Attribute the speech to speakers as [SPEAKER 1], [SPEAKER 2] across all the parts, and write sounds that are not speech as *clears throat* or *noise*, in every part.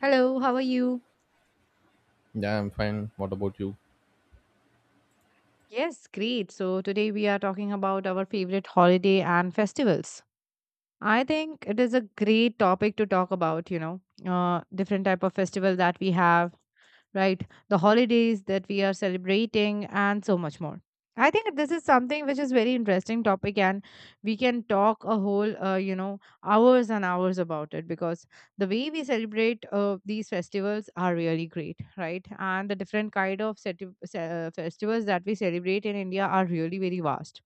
[SPEAKER 1] Hello, how are you?
[SPEAKER 2] Yeah, I'm fine. What about you?
[SPEAKER 1] Yes, great. So today we are talking about our favorite holiday and festivals. I think it is a great topic to talk about, you know, different type of festival that we have, right? The holidays that we are celebrating, and so much more. I think this is something which is very interesting topic, and we can talk a whole, you know, hours and hours about it because the way we celebrate these festivals are really great, right? And the different kind of festivals that we celebrate in India are really very vast.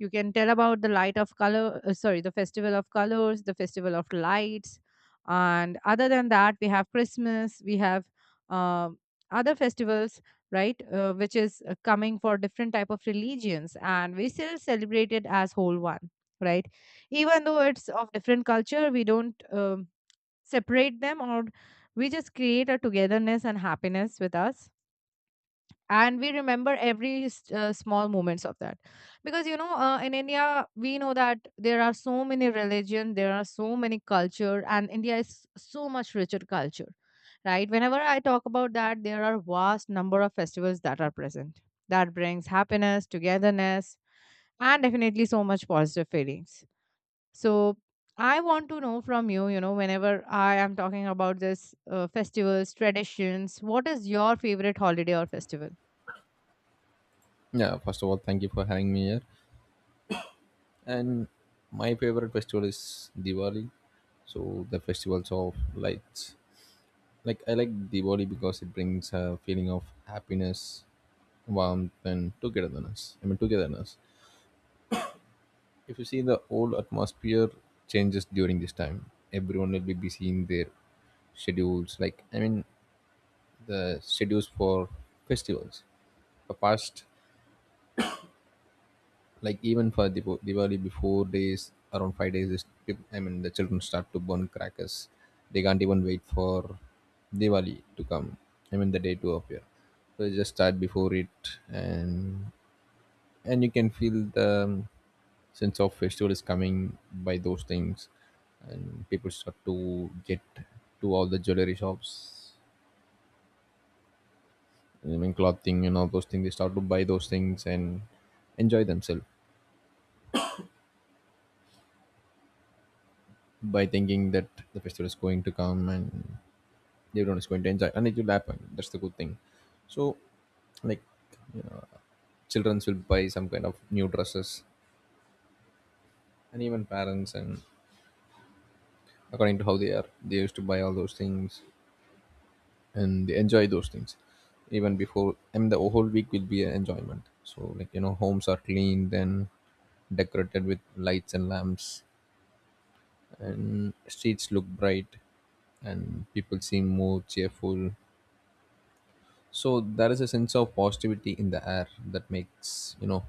[SPEAKER 1] You can tell about the light of color, sorry, the festival of colors, the festival of lights, and other than that we have Christmas, we have uh, other festivals, right, which is coming for different type of religions, and we still celebrate it as whole one, right. Even though it's of different culture, we don't separate them, or we just create a togetherness and happiness with us, and we remember every small moments of that, because you know, in India, we know that there are so many religion, there are so many culture, and India is so much richer culture, right. Whenever I talk about that, there are vast number of festivals that are present, that brings happiness, togetherness, and definitely so much positive feelings. So I want to know from you, you know, whenever I am talking about this festivals, traditions, what is your favorite holiday or festival?
[SPEAKER 2] Yeah, first of all, thank you for having me here. And my favorite festival is Diwali. So the festivals of lights. Like I like Diwali because it brings a feeling of happiness, warmth, and togetherness. I mean togetherness. If you see the whole atmosphere changes during this time, everyone will be busy in their schedules. Like I mean the schedules for festivals. The past like even for Diwali before days around 5 days is, I mean the children start to burn crackers. They can't even wait for Diwali to come, I mean the day to appear. So you just start before it. And and you can feel the sense of festival is coming by those things, and people start to get to all the jewelry shops, I mean clothing and all those things. They start to buy those things and enjoy themselves by thinking that the festival is going to come and everyone is going to enjoy and it will happen. That's the good thing. So like, you know, children will buy some kind of new dresses, and even parents, and according to how they are they used to buy all those things and they enjoy those things even before. I mean the whole week will be an enjoyment. So like, you know, homes are cleaned and decorated with lights and lamps, and streets look bright and people seem more cheerful. So there is a sense of positivity in the air that makes, you know,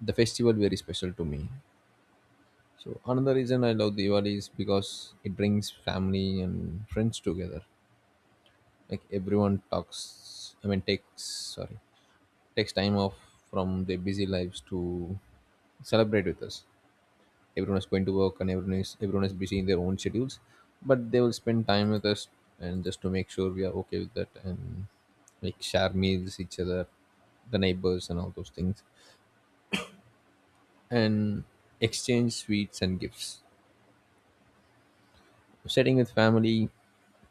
[SPEAKER 2] the festival very special to me. So another reason I love Diwali is because it brings family and friends together. Like everyone talks, I mean takes, sorry, takes time off from their busy lives to celebrate with us. Everyone is going to work and everyone is busy in their own schedules, but they will spend time with us and just to make sure we are okay with that. And like share meals each other, the neighbors and all those things, and exchange sweets and gifts, sitting with family,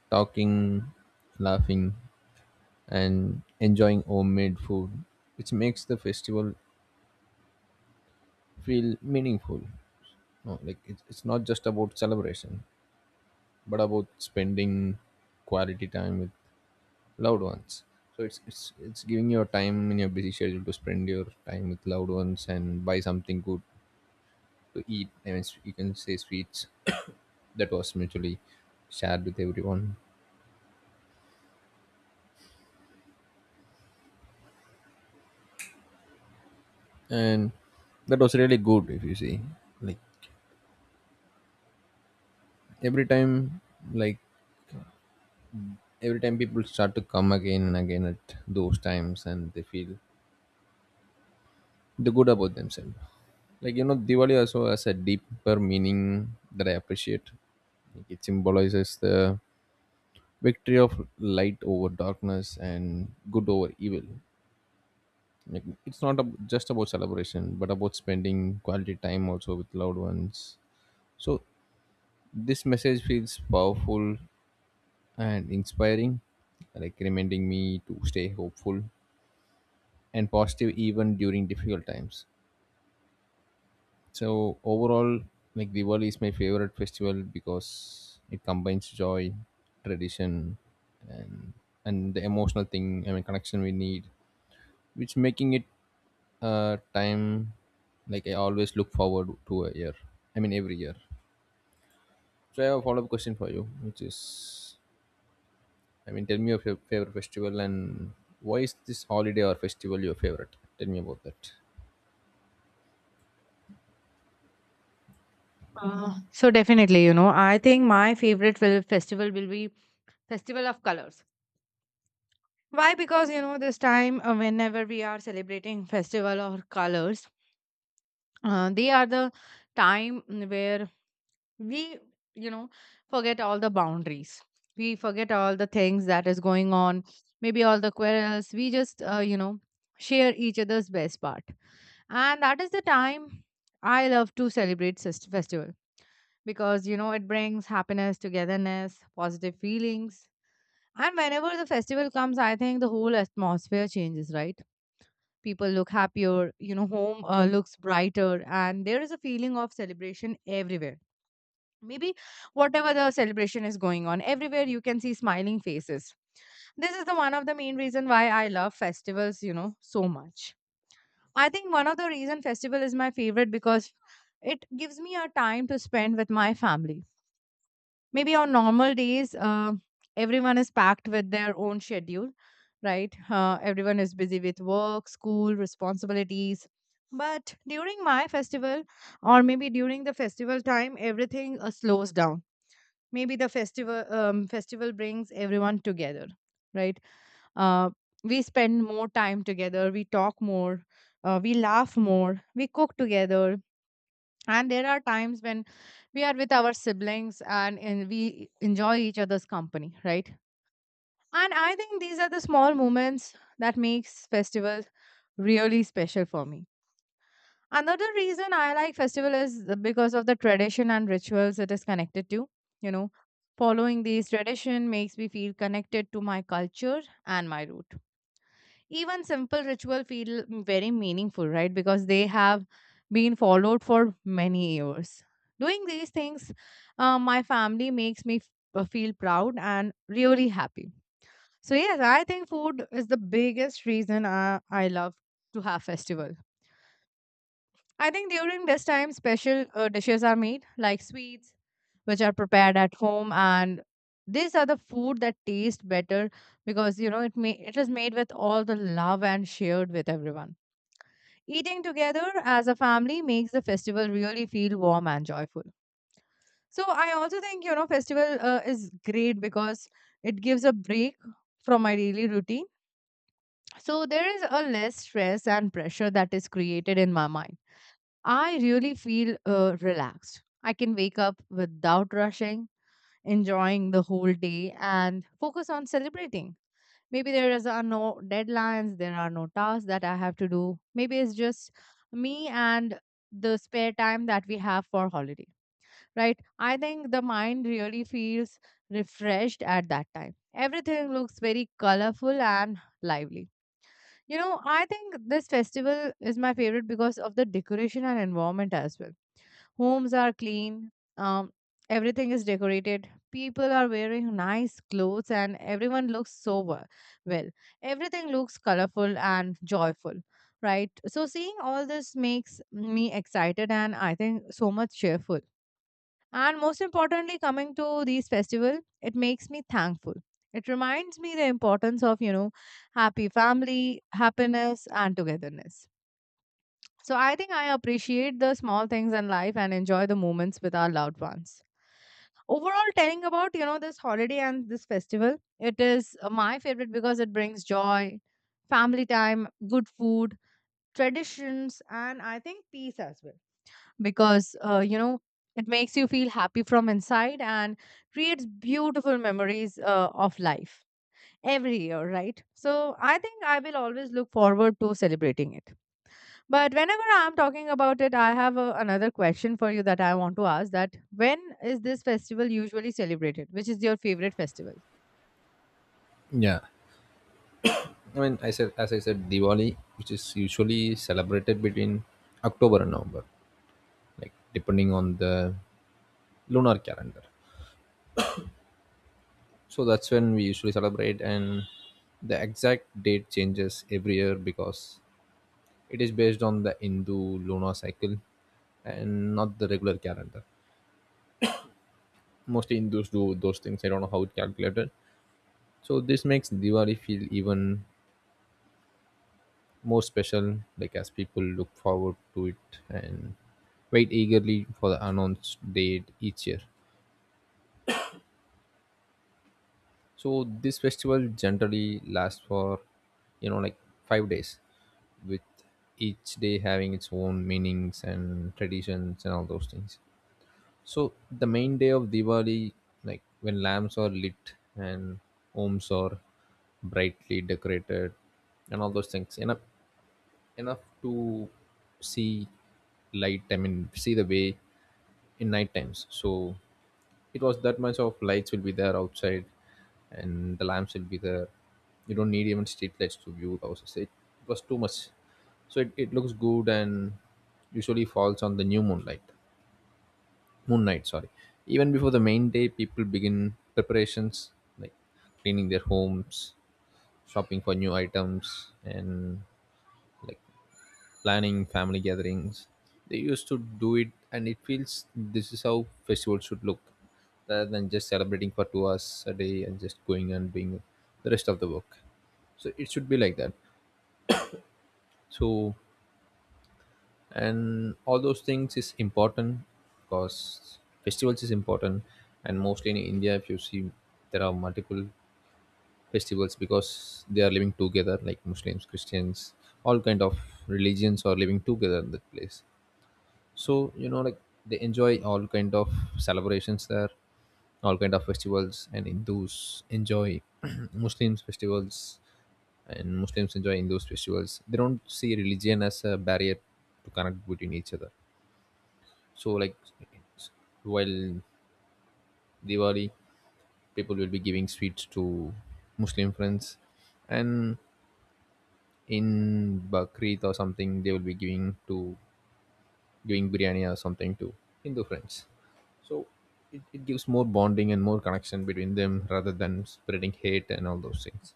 [SPEAKER 2] talking, laughing, and enjoying homemade food, which makes the festival feel meaningful. No, like it's not just about celebration but about spending quality time with loved ones. So it's giving your time in your busy schedule to spend your time with loved ones and buy something good to eat, I mean you can say sweets *coughs* that was mutually shared with everyone. And that was really good if you see. Like every time, like every time people start to come again and again at those times and they feel the good about themselves. Like, you know, Diwali also has a deeper meaning that I appreciate. Like it symbolizes the victory of light over darkness and good over evil. Like, it's not ab- just about celebration, but about spending quality time also with loved ones. So this message feels powerful and inspiring, like reminding me to stay hopeful and positive even during difficult times. So overall, like Diwali is my favorite festival because it combines joy, tradition, and the emotional thing, I mean connection, we need, which making it time, like I always look forward to a year, I mean every year. So I have a follow-up question for you, which is, I mean tell me of your favorite festival, and why is this holiday or festival your favorite? Tell me about that.
[SPEAKER 1] So definitely, you know, I think my favorite festival will be Festival of Colors. Why? Because you know, this time whenever we are celebrating Festival or Colors, they are the time where we, you know, forget all the boundaries, we forget all the things that is going on, maybe all the quarrels. We just you know, share each other's best part, and that is the time I love to celebrate festival, because you know, it brings happiness, togetherness, positive feelings. And whenever the festival comes, I think the whole atmosphere changes, right? People look happier, you know, home looks brighter, and there is a feeling of celebration everywhere. Maybe whatever the celebration is going on, everywhere you can see smiling faces. This is the one of the main reason why I love festivals, you know, so much. I think one of the reason festival is my favorite because it gives me a time to spend with my family. Maybe on normal days, everyone is packed with their own schedule, right? Everyone is busy with work, school, responsibilities, but during my festival, or maybe during the festival time, everything slows down. Maybe the festival, festival brings everyone together, right? uh, we spend more time together, we talk more, we laugh more, we cook together, and there are times when we are with our siblings, and we enjoy each other's company, right? And I think these are the small moments that makes festivals really special for me. Another reason I like festival is because of the tradition and rituals it is connected to. You know, following these tradition makes me feel connected to my culture and my root. Even simple ritual feel very meaningful, right, because they have been followed for many years. Doing these things my family makes me feel proud and really happy. So yes, I think food is the biggest reason I love to have festival. I think during this time special dishes are made like sweets, which are prepared at home, and these are the food that taste better, because you know, it may it is made with all the love and shared with everyone. Eating together as a family makes the festival really feel warm and joyful. So I also think, you know, festival is great because it gives a break from my daily routine. So there is a less stress and pressure that is created in my mind. I really feel relaxed. I can wake up without rushing, enjoying the whole day and focus on celebrating. Maybe there is are no deadlines, there are no tasks that I have to do. Maybe it's just me and the spare time that we have for holiday, right? I think the mind really feels refreshed at that time. Everything looks very colorful and lively. You know, I think this festival is my favorite because of the decoration and environment as well. Homes are clean, um, everything is decorated, people are wearing nice clothes, and everyone looks sober. Well, everything looks colorful and joyful, right? So, seeing all this makes me excited and I think so much cheerful. And most importantly, coming to these festival, it makes me thankful. It reminds me the importance of, you know, happy family, happiness, and togetherness. So I think I appreciate the small things in life and enjoy the moments with our loved ones. Overall, telling about you know this holiday and this festival, it is my favorite because it brings joy, family time, good food, traditions, and I think peace as well. Because you know, it makes you feel happy from inside and creates beautiful memories of life every year, right? So I think I will always look forward to celebrating it. But whenever I'm talking about it, another question for you that I want to ask, that when is this festival usually celebrated, which is your favorite festival?
[SPEAKER 2] Yeah, I mean I said, as I said, Diwali, which is usually celebrated between October and November, like depending on the lunar calendar. So that's when we usually celebrate, and the exact date changes every year because it is based on the Hindu lunar cycle and not the regular calendar. Mostly Hindus do those things. I don't know how it calculated. So this makes Diwali feel even more special, like as people look forward to it and wait eagerly for the announced date each year. So this festival generally lasts for, you know, like 5 days, with each day having its own meanings and traditions and all those things. So the main day of Diwali, like when lamps are lit and homes are brightly decorated and all those things, enough to see light. I mean, see the way in night times. So it was that much of lights will be there outside, and the lamps will be there. You don't need even street lights to view the houses. It was too much, so it looks good and usually falls on the new moonlight. Moon night, sorry. Even before the main day, people begin preparations like cleaning their homes, shopping for new items, and like planning family gatherings. They used to do it, and it feels this is how festivals should look rather than just celebrating for 2 hours a day and just going and doing the rest of the work. So it should be like that. So and all those things is important because festivals is important. And mostly in India, if you see, there are multiple festivals because they are living together, like Muslims, Christians, all kind of religions are living together in that place. So you know, like they enjoy all kind of celebrations there, all kind of festivals, and Hindus enjoy *clears throat* Muslims festivals and Muslims enjoy Hindus festivals. They don't see religion as a barrier to connect between each other. So like, while Diwali, people will be giving sweets to Muslim friends, and in Bakrit or something, they will be giving biryani or something to Hindu friends. So it gives more bonding and more connection between them rather than spreading hate and all those things,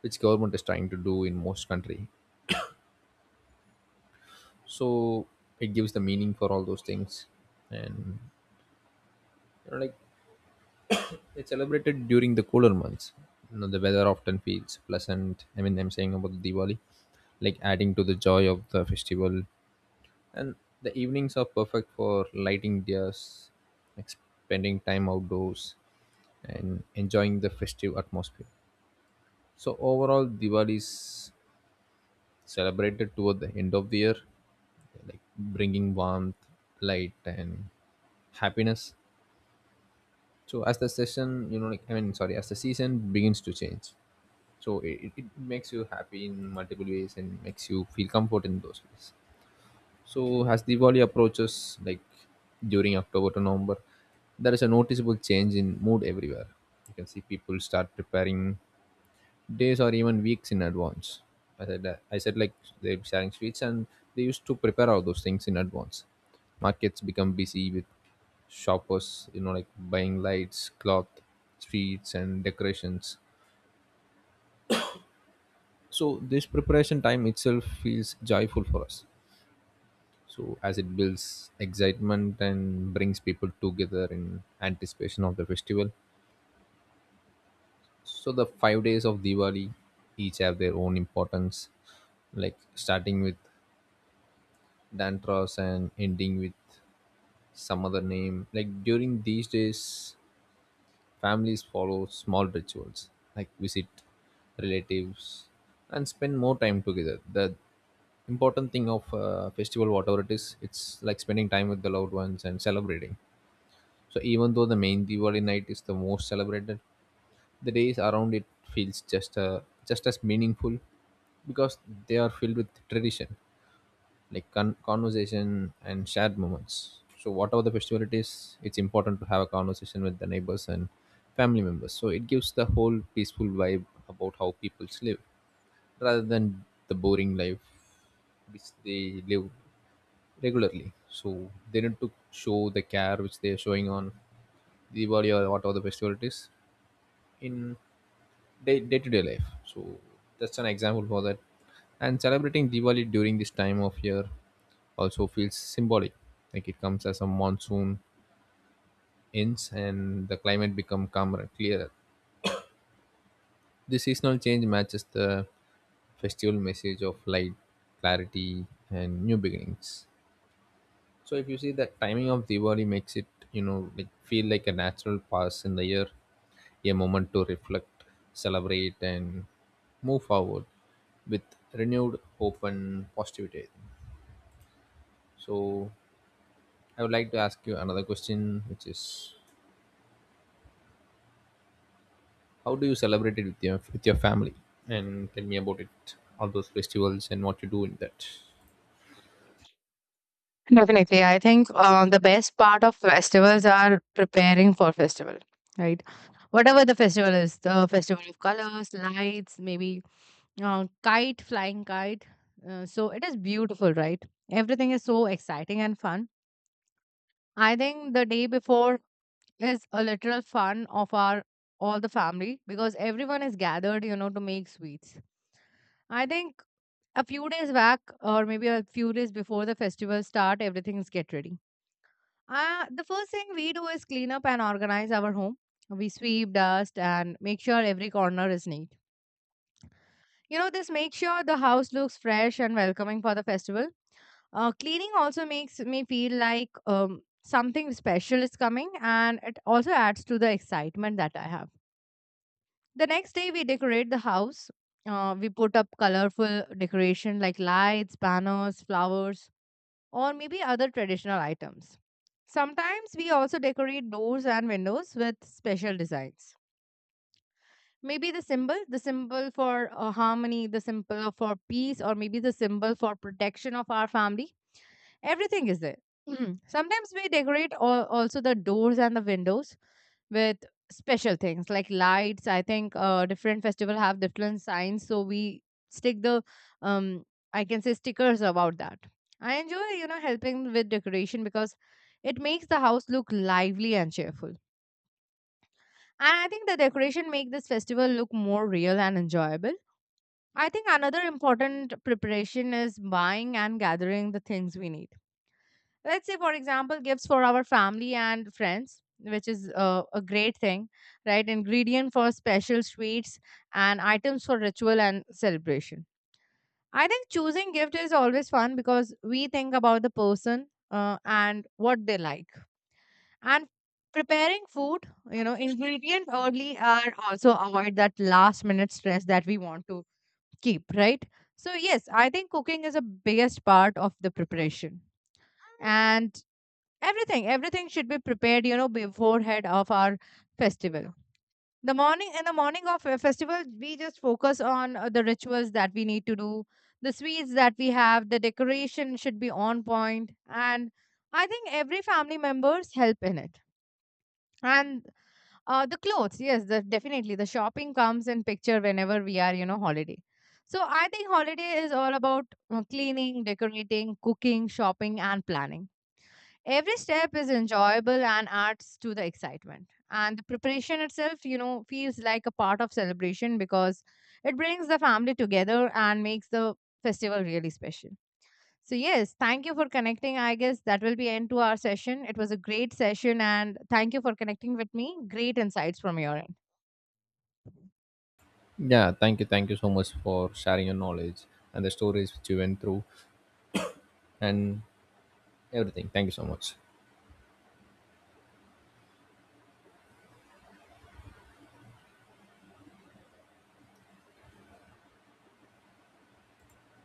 [SPEAKER 2] which government is trying to do in most country. So it gives the meaning for all those things. And you know, like it's celebrated during the cooler months. You know, the weather often feels pleasant. I mean, I'm saying about Diwali, like adding to the joy of the festival. And the evenings are perfect for lighting diyas, like spending time outdoors, and enjoying the festive atmosphere. So overall, Diwali is celebrated toward the end of the year, like bringing warmth, light, and happiness. So as the session, you know, like I mean, sorry, as the season begins to change, so it makes you happy in multiple ways and makes you feel comfort in those ways. So as Diwali approaches, like during October to November, there is a noticeable change in mood everywhere. You can see people start preparing days or even weeks in advance. I said that. I said like they're sharing sweets, and they used to prepare all those things in advance. Markets become busy with shoppers, you know, like buying lights, cloth, sweets, and decorations. So this preparation time itself feels joyful for us. So as it builds excitement and brings people together in anticipation of the festival. So the 5 days of Diwali each have their own importance. Like starting with Dantras and ending with some other name. Like during these days, families follow small rituals, like visit relatives and spend more time together. The important thing of festival, whatever it is, it's like spending time with the loved ones and celebrating. So even though the main Diwali night is the most celebrated, the days around it feels just as meaningful because they are filled with tradition, like conversation and shared moments. So whatever the festival it is, it's important to have a conversation with the neighbors and family members. So it gives the whole peaceful vibe about how people live rather than the boring life which they live regularly. So they need to show the care which they are showing on Diwali or whatever the festival it is in day to day life. So that's an example for that. And celebrating Diwali during this time of year also feels symbolic. Like it comes as a monsoon ends and the climate become calmer and clearer. This seasonal change matches the festival message of light, clarity, and new beginnings. So if you see the timing of Diwali makes it, you know, like feel like a natural pause in the year, a moment to reflect, celebrate, and move forward with renewed hope and positivity, I think. So I would like to ask you another question, which is, how do you celebrate it with your family? And tell me about it, all those festivals and what you do in that.
[SPEAKER 1] Definitely. I think the best part of festivals are preparing for festival, right? Whatever the festival is, the festival of colors, lights, maybe kite flying, kite so it is beautiful, right? Everything is so exciting and fun. I think the day before is a literal fun of our all the family, because everyone is gathered, you know, to make sweets. I think a few days back, or maybe a few days before the festival start, everything's get ready. The first thing we do is clean up and organize our home. We sweep, dust, and make sure every corner is neat. You know, this makes sure the house looks fresh and welcoming for the festival. Cleaning also makes me feel like something special is coming, and it also adds to the excitement that I have. The next day, we decorate the house. We put up colorful decoration like lights, banners, flowers, or maybe other traditional items. Sometimes we also decorate doors and windows with special designs. Maybe the symbol for harmony, the symbol for peace, or maybe the symbol for protection of our family. Everything is there. Mhm. Sometimes we decorate also the doors and the windows with special things like lights. I think different festival have different signs, so we stick the um I can say stickers about that. I enjoy, you know, helping with decoration because it makes the house look lively and cheerful. And I think the decoration make this festival look more real and enjoyable. I think another important preparation is buying and gathering the things we need, let's say for example gifts for our family and friends, which is a great thing, right, ingredient for special sweets and items for ritual and celebration. I think choosing gift is always fun, because we think about the person and what they like, and preparing food, you know, ingredient early are also avoid that last minute stress that we want to keep, right? So yes, I think cooking is a biggest part of the preparation, and everything, everything should be prepared, you know, beforehand of our festival. The morning In the morning of a festival, we just focus on the rituals that we need to do, the sweets that we have, the decoration should be on point, and I think every family members help in it. And the clothes, yes, definitely the shopping comes in picture whenever we are, you know, holiday. So I think holiday is all about cleaning, decorating, cooking, shopping, and planning. Every step is enjoyable and adds to the excitement. And the preparation itself, you know, feels like a part of celebration because it brings the family together and makes the festival really special. So yes, thank you for connecting. I guess that will be end to our session. It was a great session and thank you for connecting with me. Great insights from your end.
[SPEAKER 2] Yeah, thank you so much for sharing your knowledge and the stories which you went through and everything. Thank you so much.